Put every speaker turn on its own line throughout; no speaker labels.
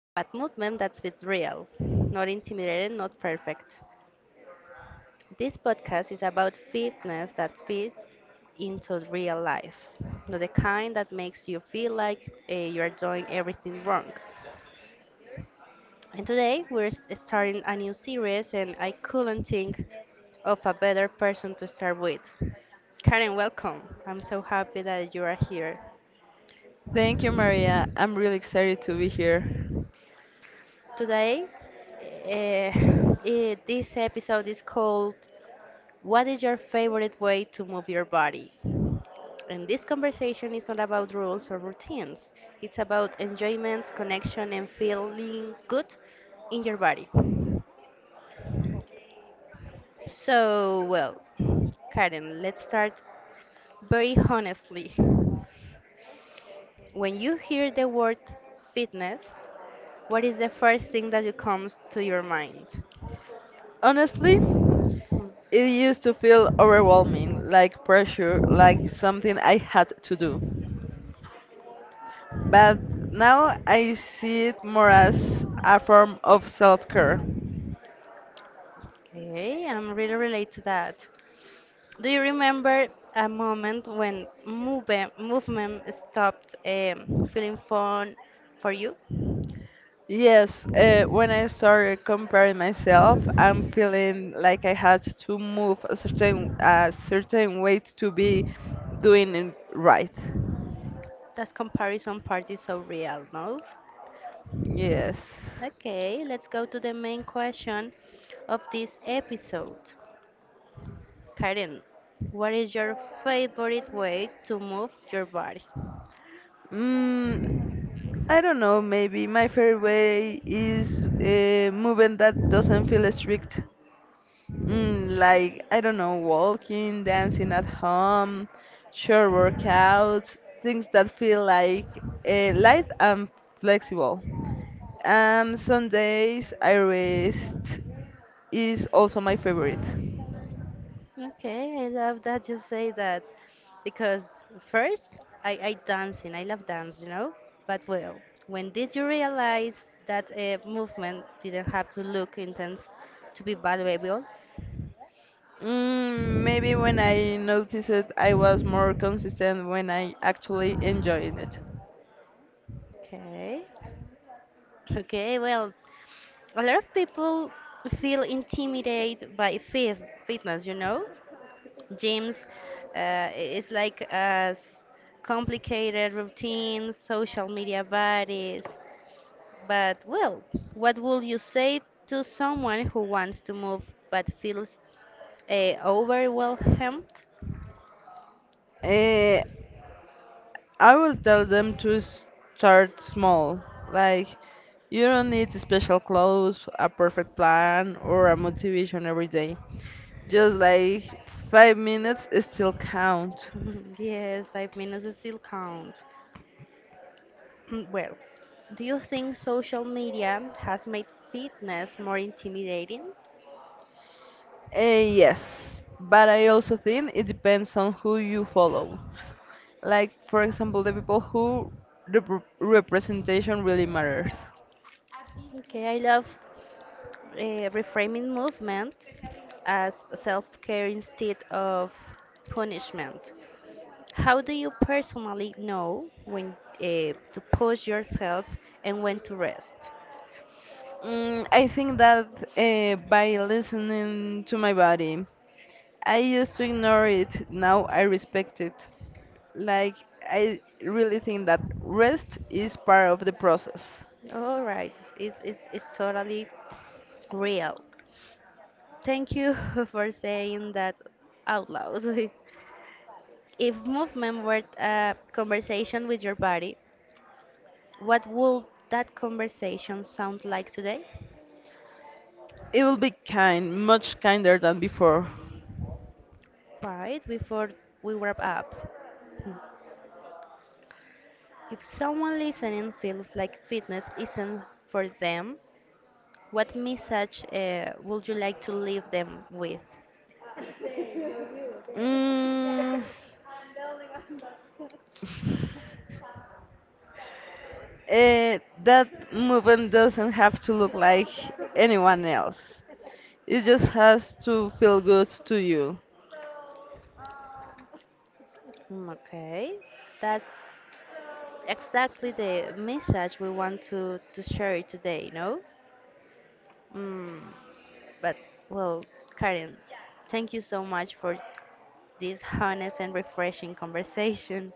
But movement that's with real, not intimidating, not perfect. This podcast is about fitness that fits into real life, not the kind that makes you feel like you are doing everything wrong. And today we're starting a new series, and I couldn't think of a better person to start with. Karen, welcome. I'm so happy that you are here.
Thank you, Maria. I'm really excited to be here.
Today, eh, this episode is called "What is your favorite way to move your body?" And this conversation is not about rules or routines, it's about enjoyment, connection, and feeling good in your body. So, well, Karen, let's start very honestly. When you hear the word fitness, what is the first thing that comes to your mind?
Honestly, it used to feel overwhelming, like pressure, like something I had to do. But now I see it more as a form of self care.
Okay, I'm really relate to that. Do you remember a moment when movement stopped feeling fun for you?
Yes, when I started comparing myself, I'm feeling like I had to move a certain way to be doing it right.
That comparison part is so real, no?
Yes.
Okay, let's go to the main question of this episode. Karen, what is your favorite way to move your body?
Mm, I don't know, maybe my favorite way is moving that doesn't feel strict. Like, I don't know, walking, dancing at home, short workouts, things that feel like light and flexible. Some days I rest is also my favorite.
Okay, I love that you say that because first I dancing, I love dance. But well, when did you realize that a movement didn't have to look intense to be valuable?
Maybe when I noticed it, I was more consistent when I actually enjoyed it.
Okay, okay. Well, a lot of people feel intimidated by fitness. Gyms, it's like as complicated routines, social media bodies. But, well, what would you say to someone who wants to move but feels overwhelmed?
Eh, I will tell them to start small. Like, you don't need special clothes, a perfect plan, or a motivation every day. Just like 5 minutes still count.
Yes, 5 minutes still count. Well, do you think social media has made fitness more intimidating?
Yes, but I also think it depends on who you follow. Like, for example, the people who representation really matters.
Okay, I love uh, reframing movement as self care instead of punishment. How do you personally know when to push yourself and when to rest?
I think that by listening to my body, I used to ignore it. Now I respect it. Like, I really think that rest is part of the process.
All right, it's totally real. Thank you for saying that out loud. If movement were a conversation with your body, what would that conversation sound like today?
It will be kind, much kinder than before.
Right, before we wrap up. Hmm. If someone listening feels like fitness isn't for them, what message would you like to leave them with?
Mm, that movement doesn't have to look like anyone else. It just has to feel good to you.
Okay, that's exactly the message we want to share today, you know? Mm, but, well, Karen, thank you so much for this honest and refreshing conversation.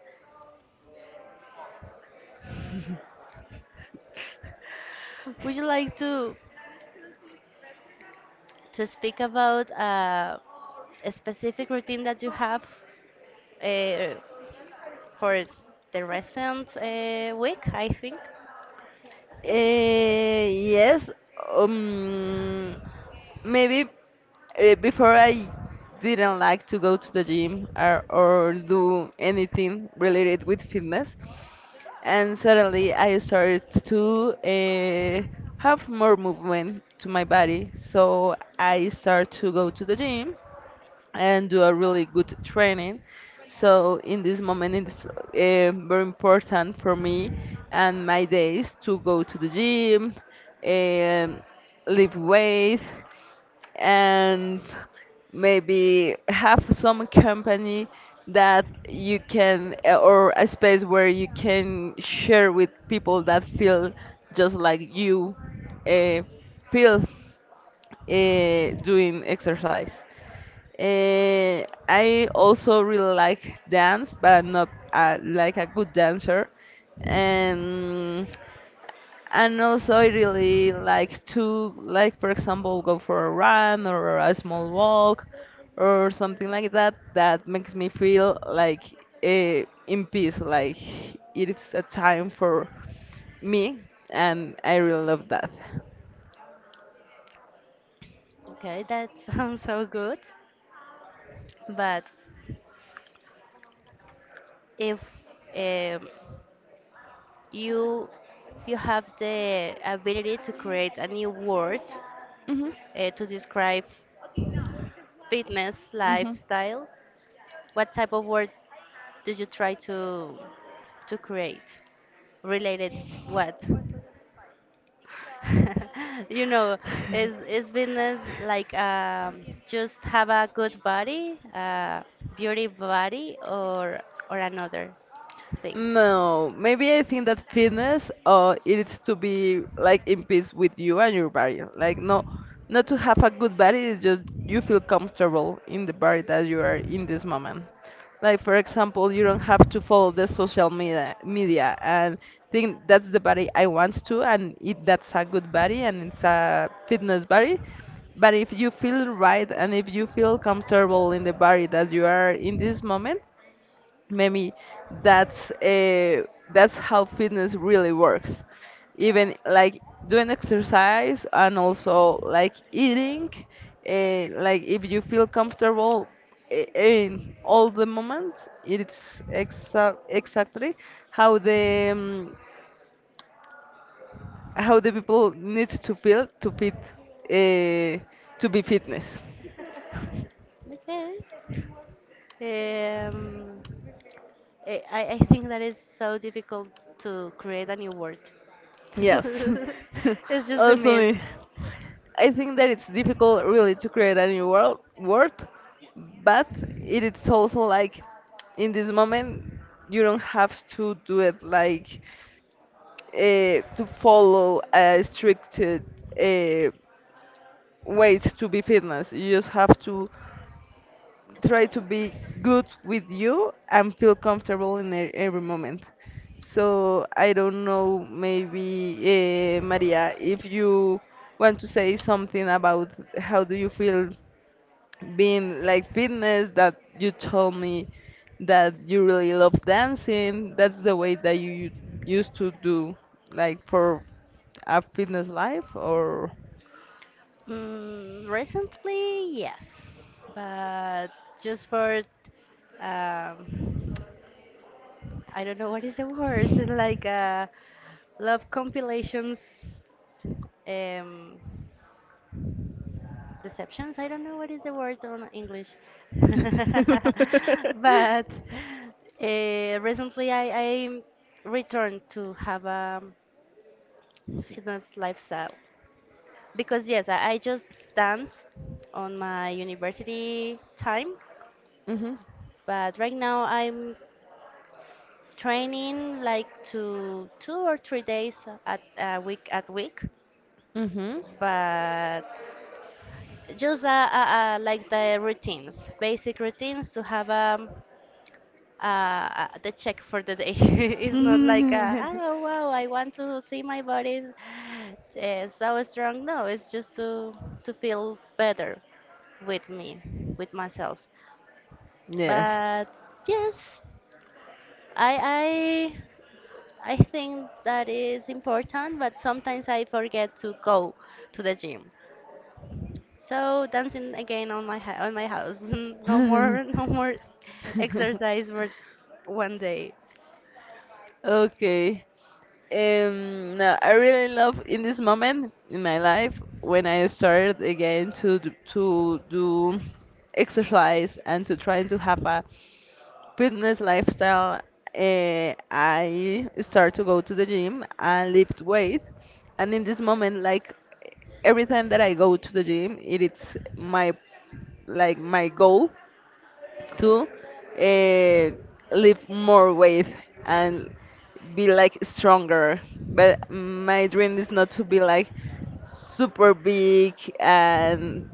Would you like to speak about a specific routine that you have uh, for the recent week, I think?
Yes, um, maybe before I didn't like to go to the gym or do anything related with fitness, and suddenly I started to have more movement to my body. So I start to go to the gym and do a really good training. So in this moment, it's very important for me and my days to go to the gym, um lift weight, and maybe have some company that you can or a space where you can share with people that feel just like you uh, feel doing exercise. I also really like dance, but I'm not like a good dancer. And also I really like to like for example go for a run or a small walk or something like that that makes me feel like in peace, like it is a time for me, and I really love that.
Okay, that sounds so good. But if um, you you have the ability to create a new word
Mhm.
to describe fitness
Mhm.
lifestyle, what type of word do you try to create related what you know is fitness like just have a good body beauty body or another thing,
No, maybe I think that fitness, it's to be like in peace with you and your body. Like no, not to have a good body is just you feel comfortable in the body that you are in this moment. Like for example, you don't have to follow the social media and think that's the body I want to, and it that's a good body and it's a fitness body. But if you feel right and if you feel comfortable in the body that you are in this moment, maybe that's that's how fitness really works even like doing exercise and also like eating like if you feel comfortable in all the moments it's exactly how the um, how the people need to feel to fit uh, to be fitness.
okay? Um, I think that is so difficult to create a new word.
Yes.
It's just the
Also
mean.
me, I think that it's difficult really to create a new world word, but it is also like in this moment you don't have to do it like to follow a strict way to be fitness. You just have to try to be good with you and feel comfortable in every moment. So I don't know, maybe Maria, if you want to say something about how do you feel being like fitness, that you told me that you really love dancing, that's the way that you used to do like for a fitness life or…
Recently, yes, but just for um, I don't know what is the word like love compilations. Um, Deceptions. I don't know what is the word on English, but recently I returned to have a fitness lifestyle because yes, I just dance on my university time,
Mhm.
but right now I'm training like to 2 or 3 days at a week at week,
Mhm.
but just like the routines, basic routines to have a the check for the day. It's not like, a, oh wow, I want to see my body so strong. No, it's just to feel better with me, with myself.
Yes.
But yes, I I I think that is important. But sometimes I forget to go to the gym. So dancing again on my on my house. No more no more exercise for one day.
Okay. And no, I really love in this moment in my life when I started again to to do exercise and to trying to have a fitness lifestyle. I start to go to the gym and lift weight, and in this moment, like every time that I go to the gym, it is my like my goal to uh, live more with and be like stronger. But my dream is not to be like super big and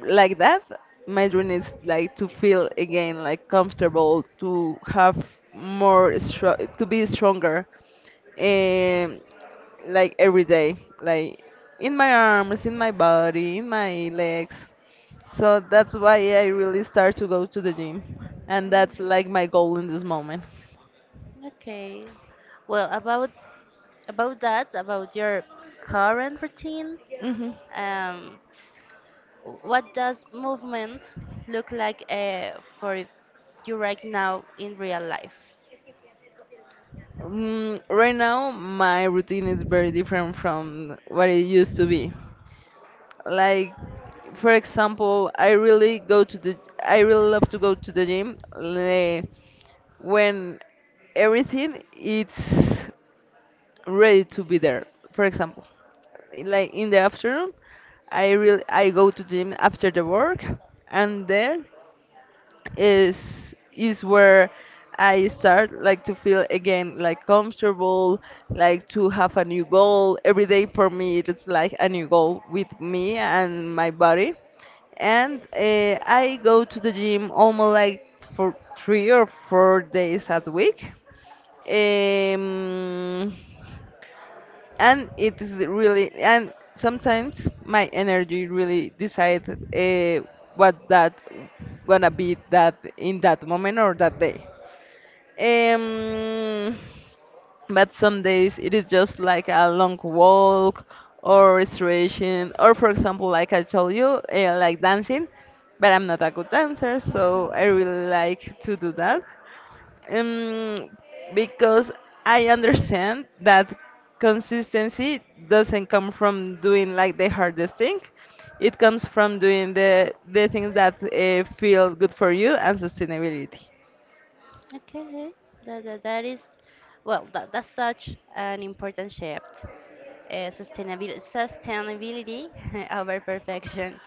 like that. My dream is like to feel again like comfortable, to have more str to be stronger, um, like every day, like in my arms, in my body, in my legs. So that's why I really start to go to the gym, and that's like my goal in this moment.
Okay. Well, about that, about your current routine,
Hmm.
um, what does movement look like for you right now in real life?
Right now, my routine is very different from what it used to be. Like, for example, I really love to go to the gym when everything it's ready to be there. For example, like in the afternoon, I go to the gym after the work, and there is where I start like to feel again like comfortable, like to have a new goal. Every day for me it's like a new goal with me and my body. And I go to the gym almost like for 3 or 4 days a week. Um, and it is really and sometimes my energy really decides what that gonna be that in that moment or that day, um but some days it is just like a long walk or restoration or for example like I told you, like dancing, but I'm not a good dancer, so I really like to do that, um, because I understand that consistency doesn't come from doing like the hardest thing. It comes from doing the things that feel good for you and sustainability.
Okay, that is, well, that's such an important shift. Sustainability over perfection.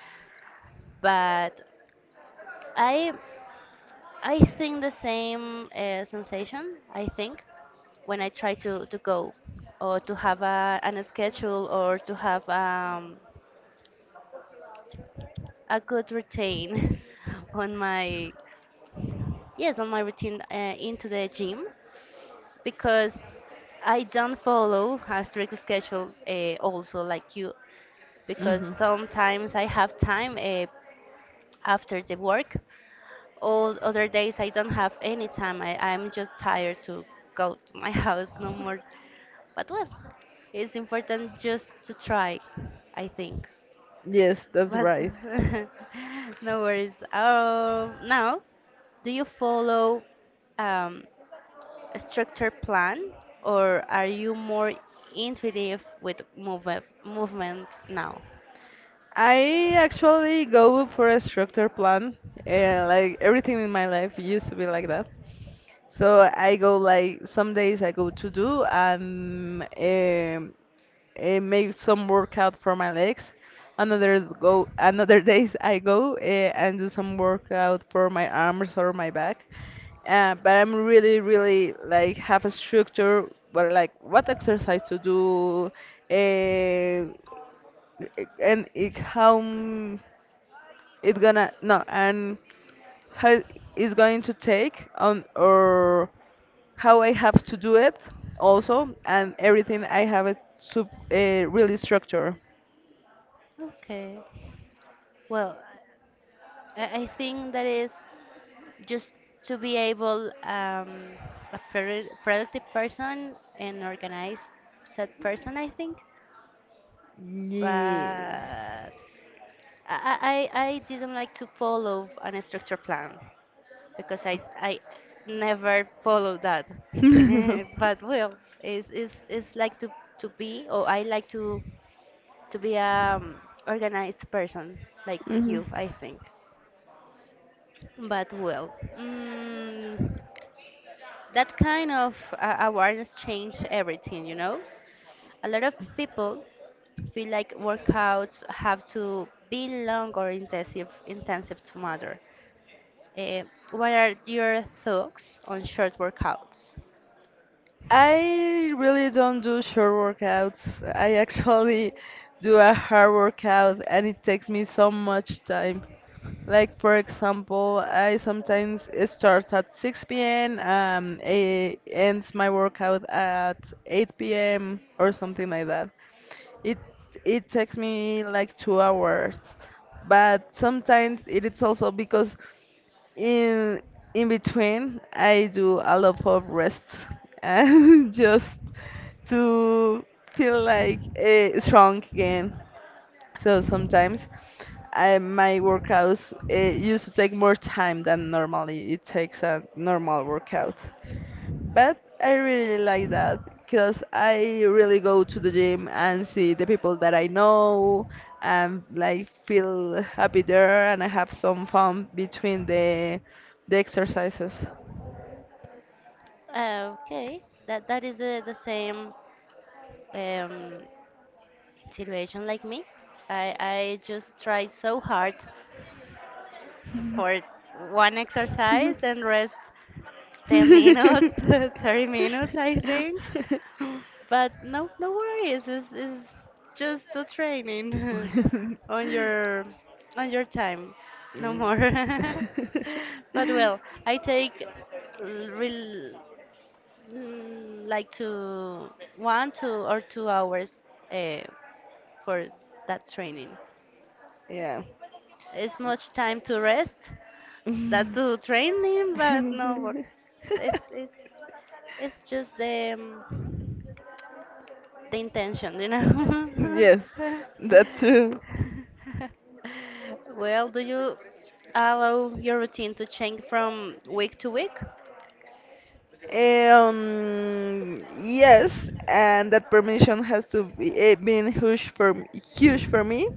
But I, I think the same sensation, I think. When I try to go or to have an schedule or to have a good routine on my yes on my routine into the gym, because I don't follow a strict schedule also like you, because
Hmm.
sometimes I have time after the work, all other days I don't have any time, I'm just tired to go to my house no more. But well, it's important just to try, I think.
Yes, that's
But
right.
no worries. Now, do you follow um, a structured plan or are you more intuitive with movement now?
I actually go for a structured plan. Like everything in my life used to be like that. So I go like some days I go to do and make some workout for my legs. Another days I go and do some workout for my arms or my back. But I'm really like have a structure, but like what exercise to do, uh, and it, it gonna no and how it's going to take on or how I have to do it also, and everything I have it really structured.
Okay. Well, I think that is just to be able a productive person and organized set person, I think. but
Yes.
I, I, I I didn't like to follow an structured plan because I never follow that. But well, it's like to be, or I like to be organized person like
Mhm.
you, I think. But well, mm, that kind of awareness changed everything, you know? A lot of people feel like workouts have to be long or intensive to matter. Eh, what are your thoughts on short workouts?
I really don't do short workouts. I actually do a hard workout and it takes me so much time. Like for example, I sometimes it starts at 6 p.m. A ends my workout at 8 p.m. or something like that. It it takes me like 2 hours, but sometimes it is also because in in between I do a lot of rests and just to feel like strong again. So sometimes my workouts used to take more time than normally it takes a normal workout. But I really like that because I really go to the gym and see the people that I know and like feel happy there and I have some fun between the exercises.
Okay, that is the same um, situation like me. I just try so hard for one exercise and rest 10 minutes, 30 minutes, I think. But no, no worries. It's just a training on your on your time, no more. But well, I take real like to one, 2 or 2 hours uh, for that training.
Yeah.
It's much time to rest, that
Mm.
to training, but no, but it's it's it's just um, the intention, you know.
Yes, that's true.
Well, do you allow your routine to change from week to week?
Yes, and that permission has to be been huge for huge for me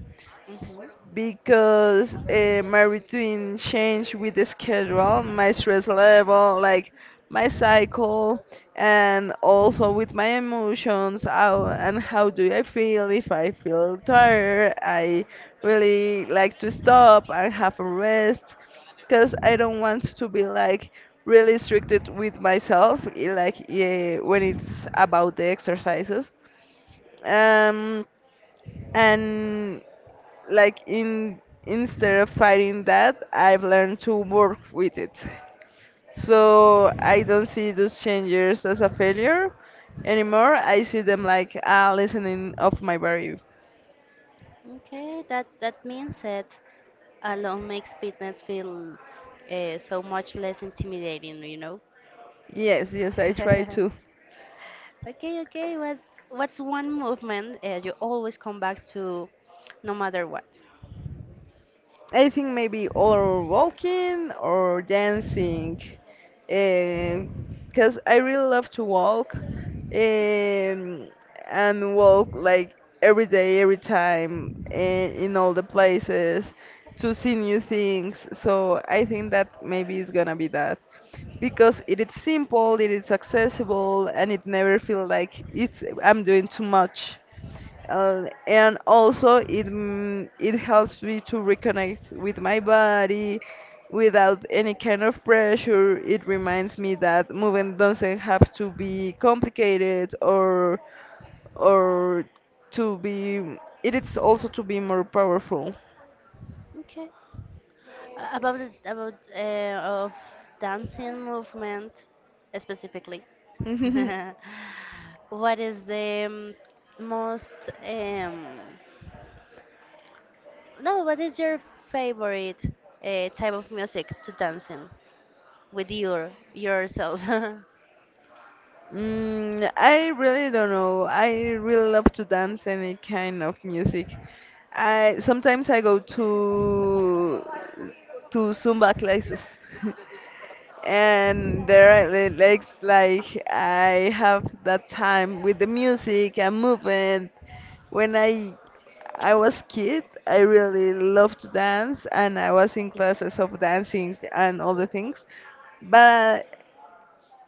Hmm.
because my routine changed with the schedule, my stress level, like my cycle, and also with my emotions. How and how do I feel? If I feel tired, I really like to stop and have a rest, because I don't want to be like really stricted with myself, like, yeah, when it's about the exercises. Um, and like in instead of fighting that, I've learned to work with it, so I don't see those changes as a failure anymore. I see them like a lessening of my value.
Okay, that means that alone makes fitness feel so much less intimidating.
Yes. Yes, I try to.
Okay, okay. What's one movement you always come back to, no matter what?
I think maybe or walking or dancing, because I really love to walk, and walk like every day, every time, in all the places to see new things. So I think that maybe it's gonna be that because it is simple, it is accessible, and it never feels like it's I'm doing too much. And also it helps me to reconnect with my body without any kind of pressure. It reminds me that movement doesn't have to be complicated or to be it is also to be more powerful.
Okay. About about of dancing movement specifically, what is the most no? What is your favorite type of music to dancing with yourself?
I really don't know. I really love to dance any kind of music. I sometimes I go to Zumba classes. And there are the legs like I have that time with the music and movement. When I was kid, I really loved to dance and I was in classes of dancing and all the things. But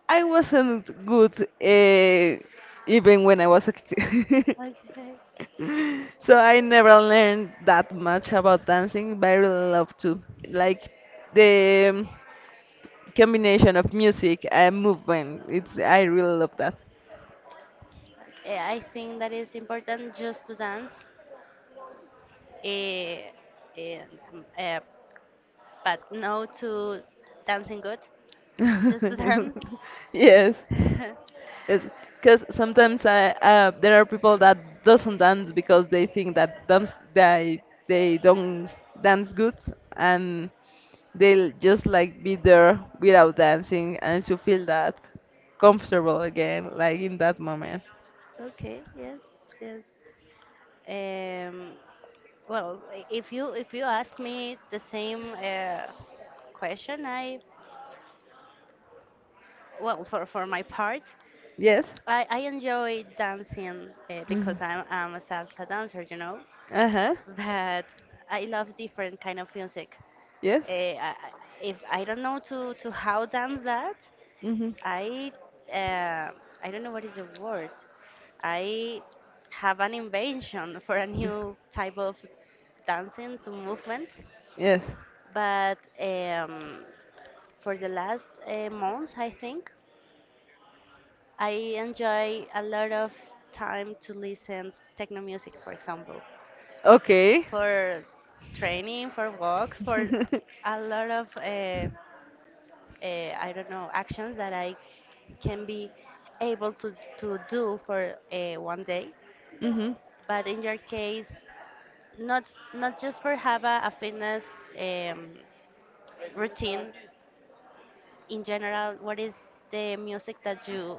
I wasn't good, even when I was active.
Okay.
So I never learned that much about dancing, but I really love to. Like the combination of music and movement. It's I really love that.
Okay, I think that is important just to dance, eh, and, but no to dancing good, just to dance.
Yes. Because sometimes there are people that doesn't dance because they think that dance they don't dance good and they'll just like be there without dancing and to feel that comfortable again, like in that moment.
Okay, yes, yes. Um, well, if you ask me the same question, I well for my part,
Yes.
I enjoy dancing
Mhm.
because I'm a salsa dancer.
Uh huh.
But I love different kind of music.
Yes.
Uh, I, I- if I don't know to how dance that,
Mhm.
I uh, I don't know what is the word. I have an invention for a new type of dancing to movement,
Yes.
but for the last months, I think I enjoy a lot of time to listen techno music, for example,
Okay.
for training, for work, for a lot of I don't know actions that I can be able to do for one day.
Mhm.
But in your case, not just for have a fitness um, routine. In general, what is the music that you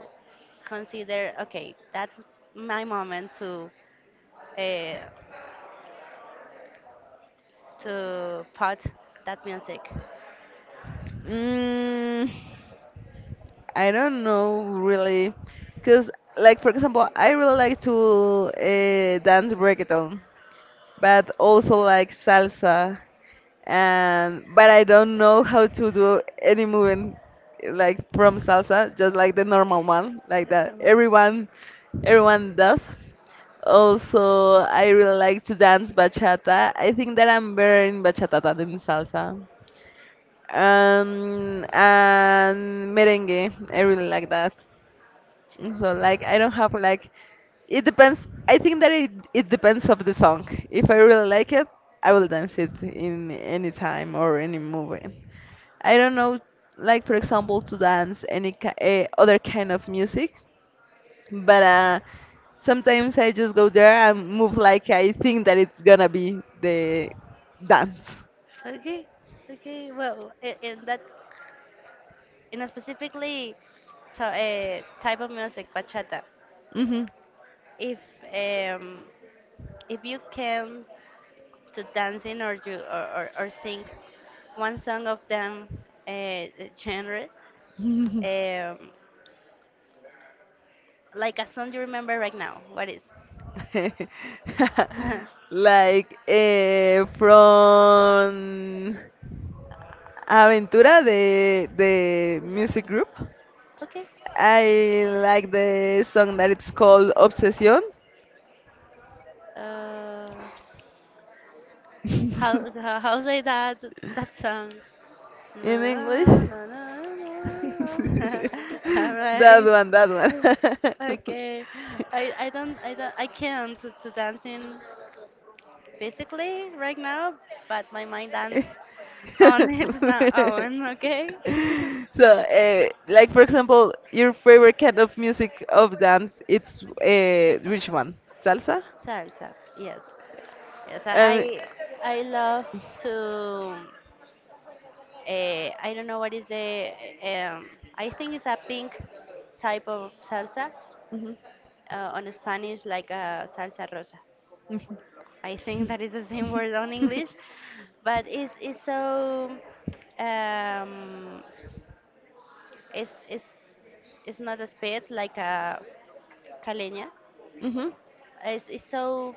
consider? Okay, that's my moment uh, to put that music.
Mm. I don't know really, because like for example, I really like to dance reggaeton, but also like salsa, and but I don't know how to do any movement like from salsa, just like the normal one, like that everyone does. Also, I really like to dance bachata. I think that I'm better in bachata than in salsa. And merengue, I really like that. So like I don't have like it depends. I think that it depends of the song. If I really like it, I will dance it in any time or any movie. I don't know like for example to dance other kind of music, but sometimes I just go there and move like I think that it's gonna be the dance.
Okay, okay. Well, in a specifically type of music, bachata.
Mhm.
If um, if you can to dancing or you or sing one song of them uh, genre, um, like a song you remember right now, what is
Like from Aventura the music group.
okay
I like the song that it's called Obsession
uh,
in
how say that song,
English.
no no no no. All
That
right.
one, that one.
Okay, I can't to dancing physically right now, but my mind dance on its own, okay?
So, like for example, your favorite kind of music of dance, it's which one? Salsa?
Salsa, yes. Yes, I
Um,
I I love to I don't know what is the I think it's a pink type of salsa
mhm,
on Spanish like a salsa rosa.
mhm,
I think that is the same word on English, but it's so um it's it's it's not a spit like a Kalenia.
mhm, mhm,
It's so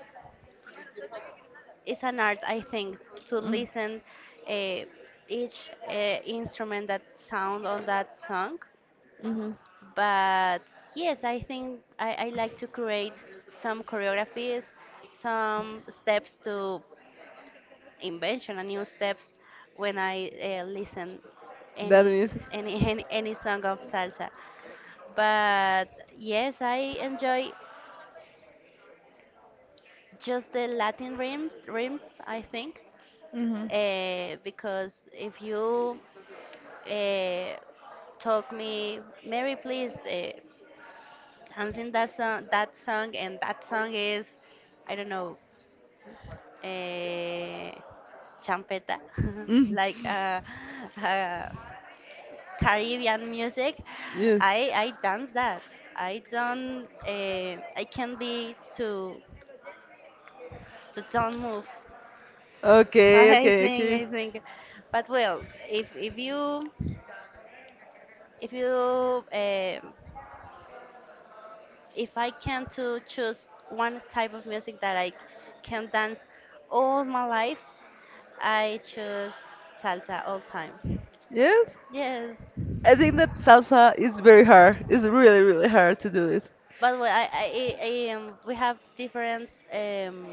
it's an art, I think, to listen uh, each instrument that sound on that song.
mhm.
But yes, I think I like to create some choreographies, some steps to invention and new steps when I listen
That
any,
music.
any any song of salsa. But yes, I enjoy just the Latin rhythms I think
Mm-hmm.
because if you uh, told me, Mary, please dancing that song, and that song is, I don't know, uh, champeta,
Hmm.
like uh, Caribbean music.
Yes.
I dance that. I don't. I can be to don't move.
Okay, okay, okay.
I think, but well, if if you If you, um if I can to choose one type of music that I can dance all my life, I choose salsa all time.
Yes.
Yes,
I think that salsa is very hard. It's really, really hard to do it.
but we, I, we have different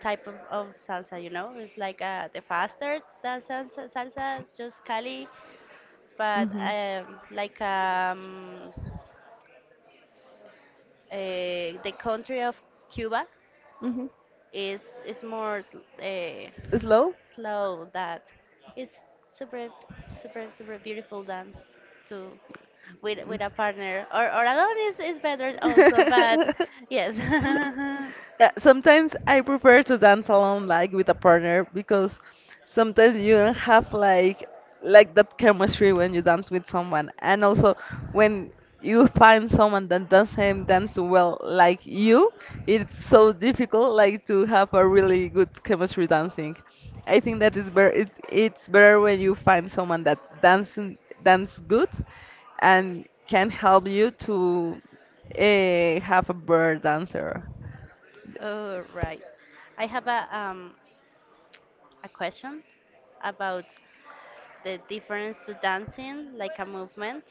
type of salsa. You know, it's like the faster that salsa just Cali, but
Mm-hmm.
like uh, the country of Cuba
Mm-hmm.
is more uh,
Slow?
slow that is super super super beautiful dance to with a partner or alone is better also, but yes.
Yeah, sometimes I prefer to dance alone, like with a partner, because sometimes you don't have like that chemistry when you dance with someone, and also when you find someone that doesn't dance well like you, it's so difficult like to have a really good chemistry dancing. I think that is better. It's better when you find someone that dances dance good and can help you to have a better dancer.
All right. I have a question about the difference to dancing like a movement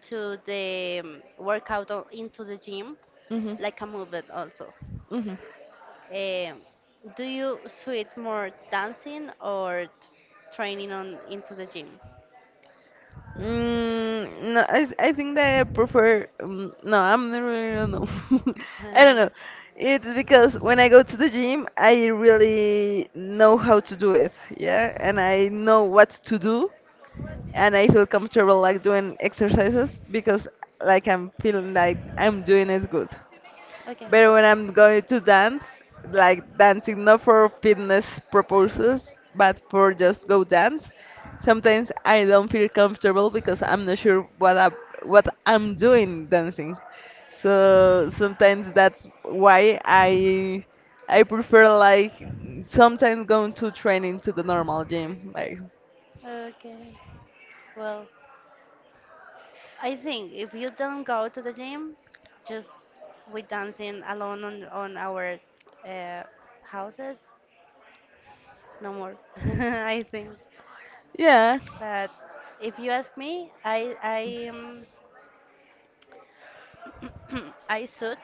to the workout into the gym
Hmm.
like a movement also.
Mhm.
Eh, do you sweat more dancing or training on into the gym?
Mm, no, I think that I prefer. No, I'm not really. I don't know. I don't know. It's because when I go to the gym, I really know how to do it. Yeah, and I know what to do, and I feel comfortable like doing exercises because like I'm feeling like I'm doing it good.
Okay,
But when I'm going to dance, like dancing not for fitness purposes, but for just go dance, sometimes I don't feel comfortable because I'm not sure what I'm doing dancing. So sometimes that's why I prefer like sometimes going to training to the normal gym. Like
okay. Well, I think if you don't go to the gym, just with dancing alone on our uh, houses, no more. I think.
yeah,
But if you ask me, I I suit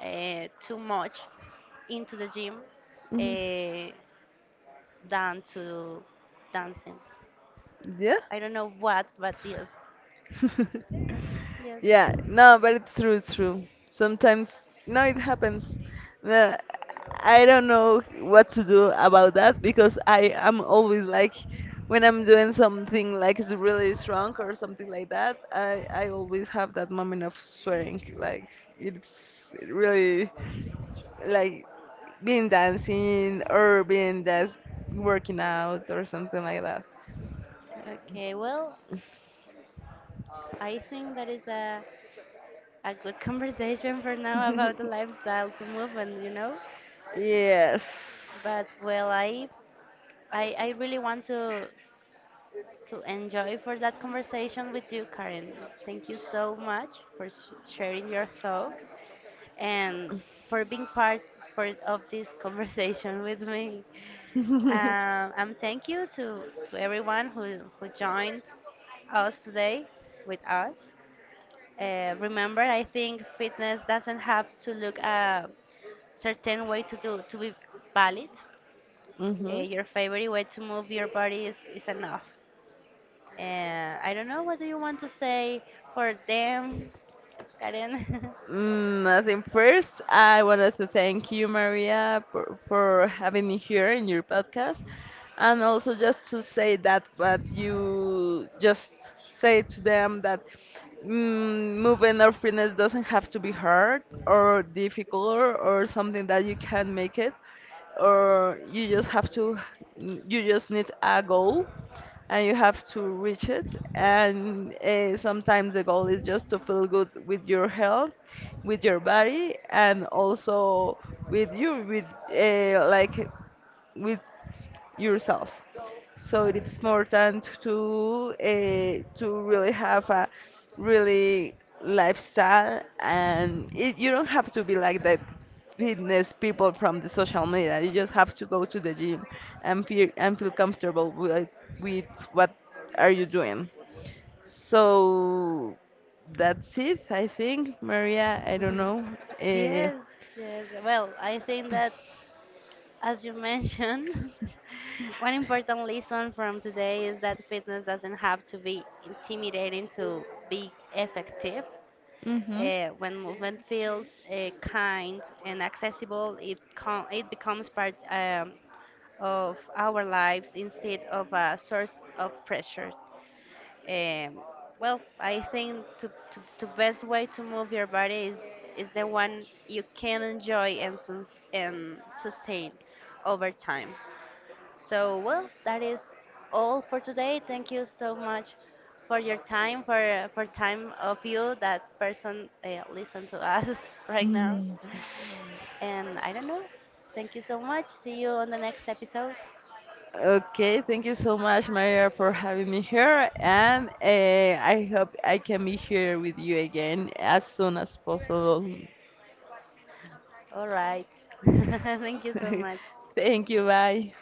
too much into the gym.
hmm,
Uh, than to dancing.
yeah.
I don't know what, but yes. Yes.
Yeah, no, but it's true, it's true. Sometimes, no, it happens. Uh, I don't know what to do about that because I am always like, when I'm doing something like it's really strong or something like that, I always have that moment of swearing. Like it's really like being dancing or being just working out or something like that.
Okay, well, I think that is a good conversation for now about the lifestyle to move and you know.
Yes.
But well, I really want to enjoy for that conversation with you, Karen. Thank you so much for sharing your thoughts and for being part of this conversation with me. And thank you to everyone who joined us today with us. Remember, I think fitness doesn't have to look a certain way to be valid.
Mhm.
Your favorite way to move your body is enough. Uh, I don't know what do you want to say for them, Karen.
Mm, nothing. First, I wanted to thank you, Maria, for having me here in your podcast, and also just to say that what you just say to them that mm, moving or fitness doesn't have to be hard or difficult or something that you can make it, or you just have to, you just need a goal and you have to reach it. And sometimes the goal is just to feel good with your health, with your body, and also with you, with like with yourself. So it is important to really have a really lifestyle, and it, you don't have to be like the fitness people from the social media. You just have to go to the gym and feel comfortable with what are you doing. So that's it, I think, Maria. I don't know. Uh,
Yes, yes. Well, I think that. As you mentioned, one important lesson from today is that fitness doesn't have to be intimidating to be effective.
mhm.
When movement feels kind and accessible, it becomes part of our lives instead of a source of pressure. Um, well, I think the best way to move your body is the one you can enjoy and sustain over time. So, well, that is all for today. Thank you so much for your time, for time of you that person listen to us right now. And I don't know. Thank you so much. See you on the next episode.
Okay, thank you so much, Maria, for having me here, and I hope I can be here with you again as soon as possible.
All right. Thank you so much.
Thank you, bye.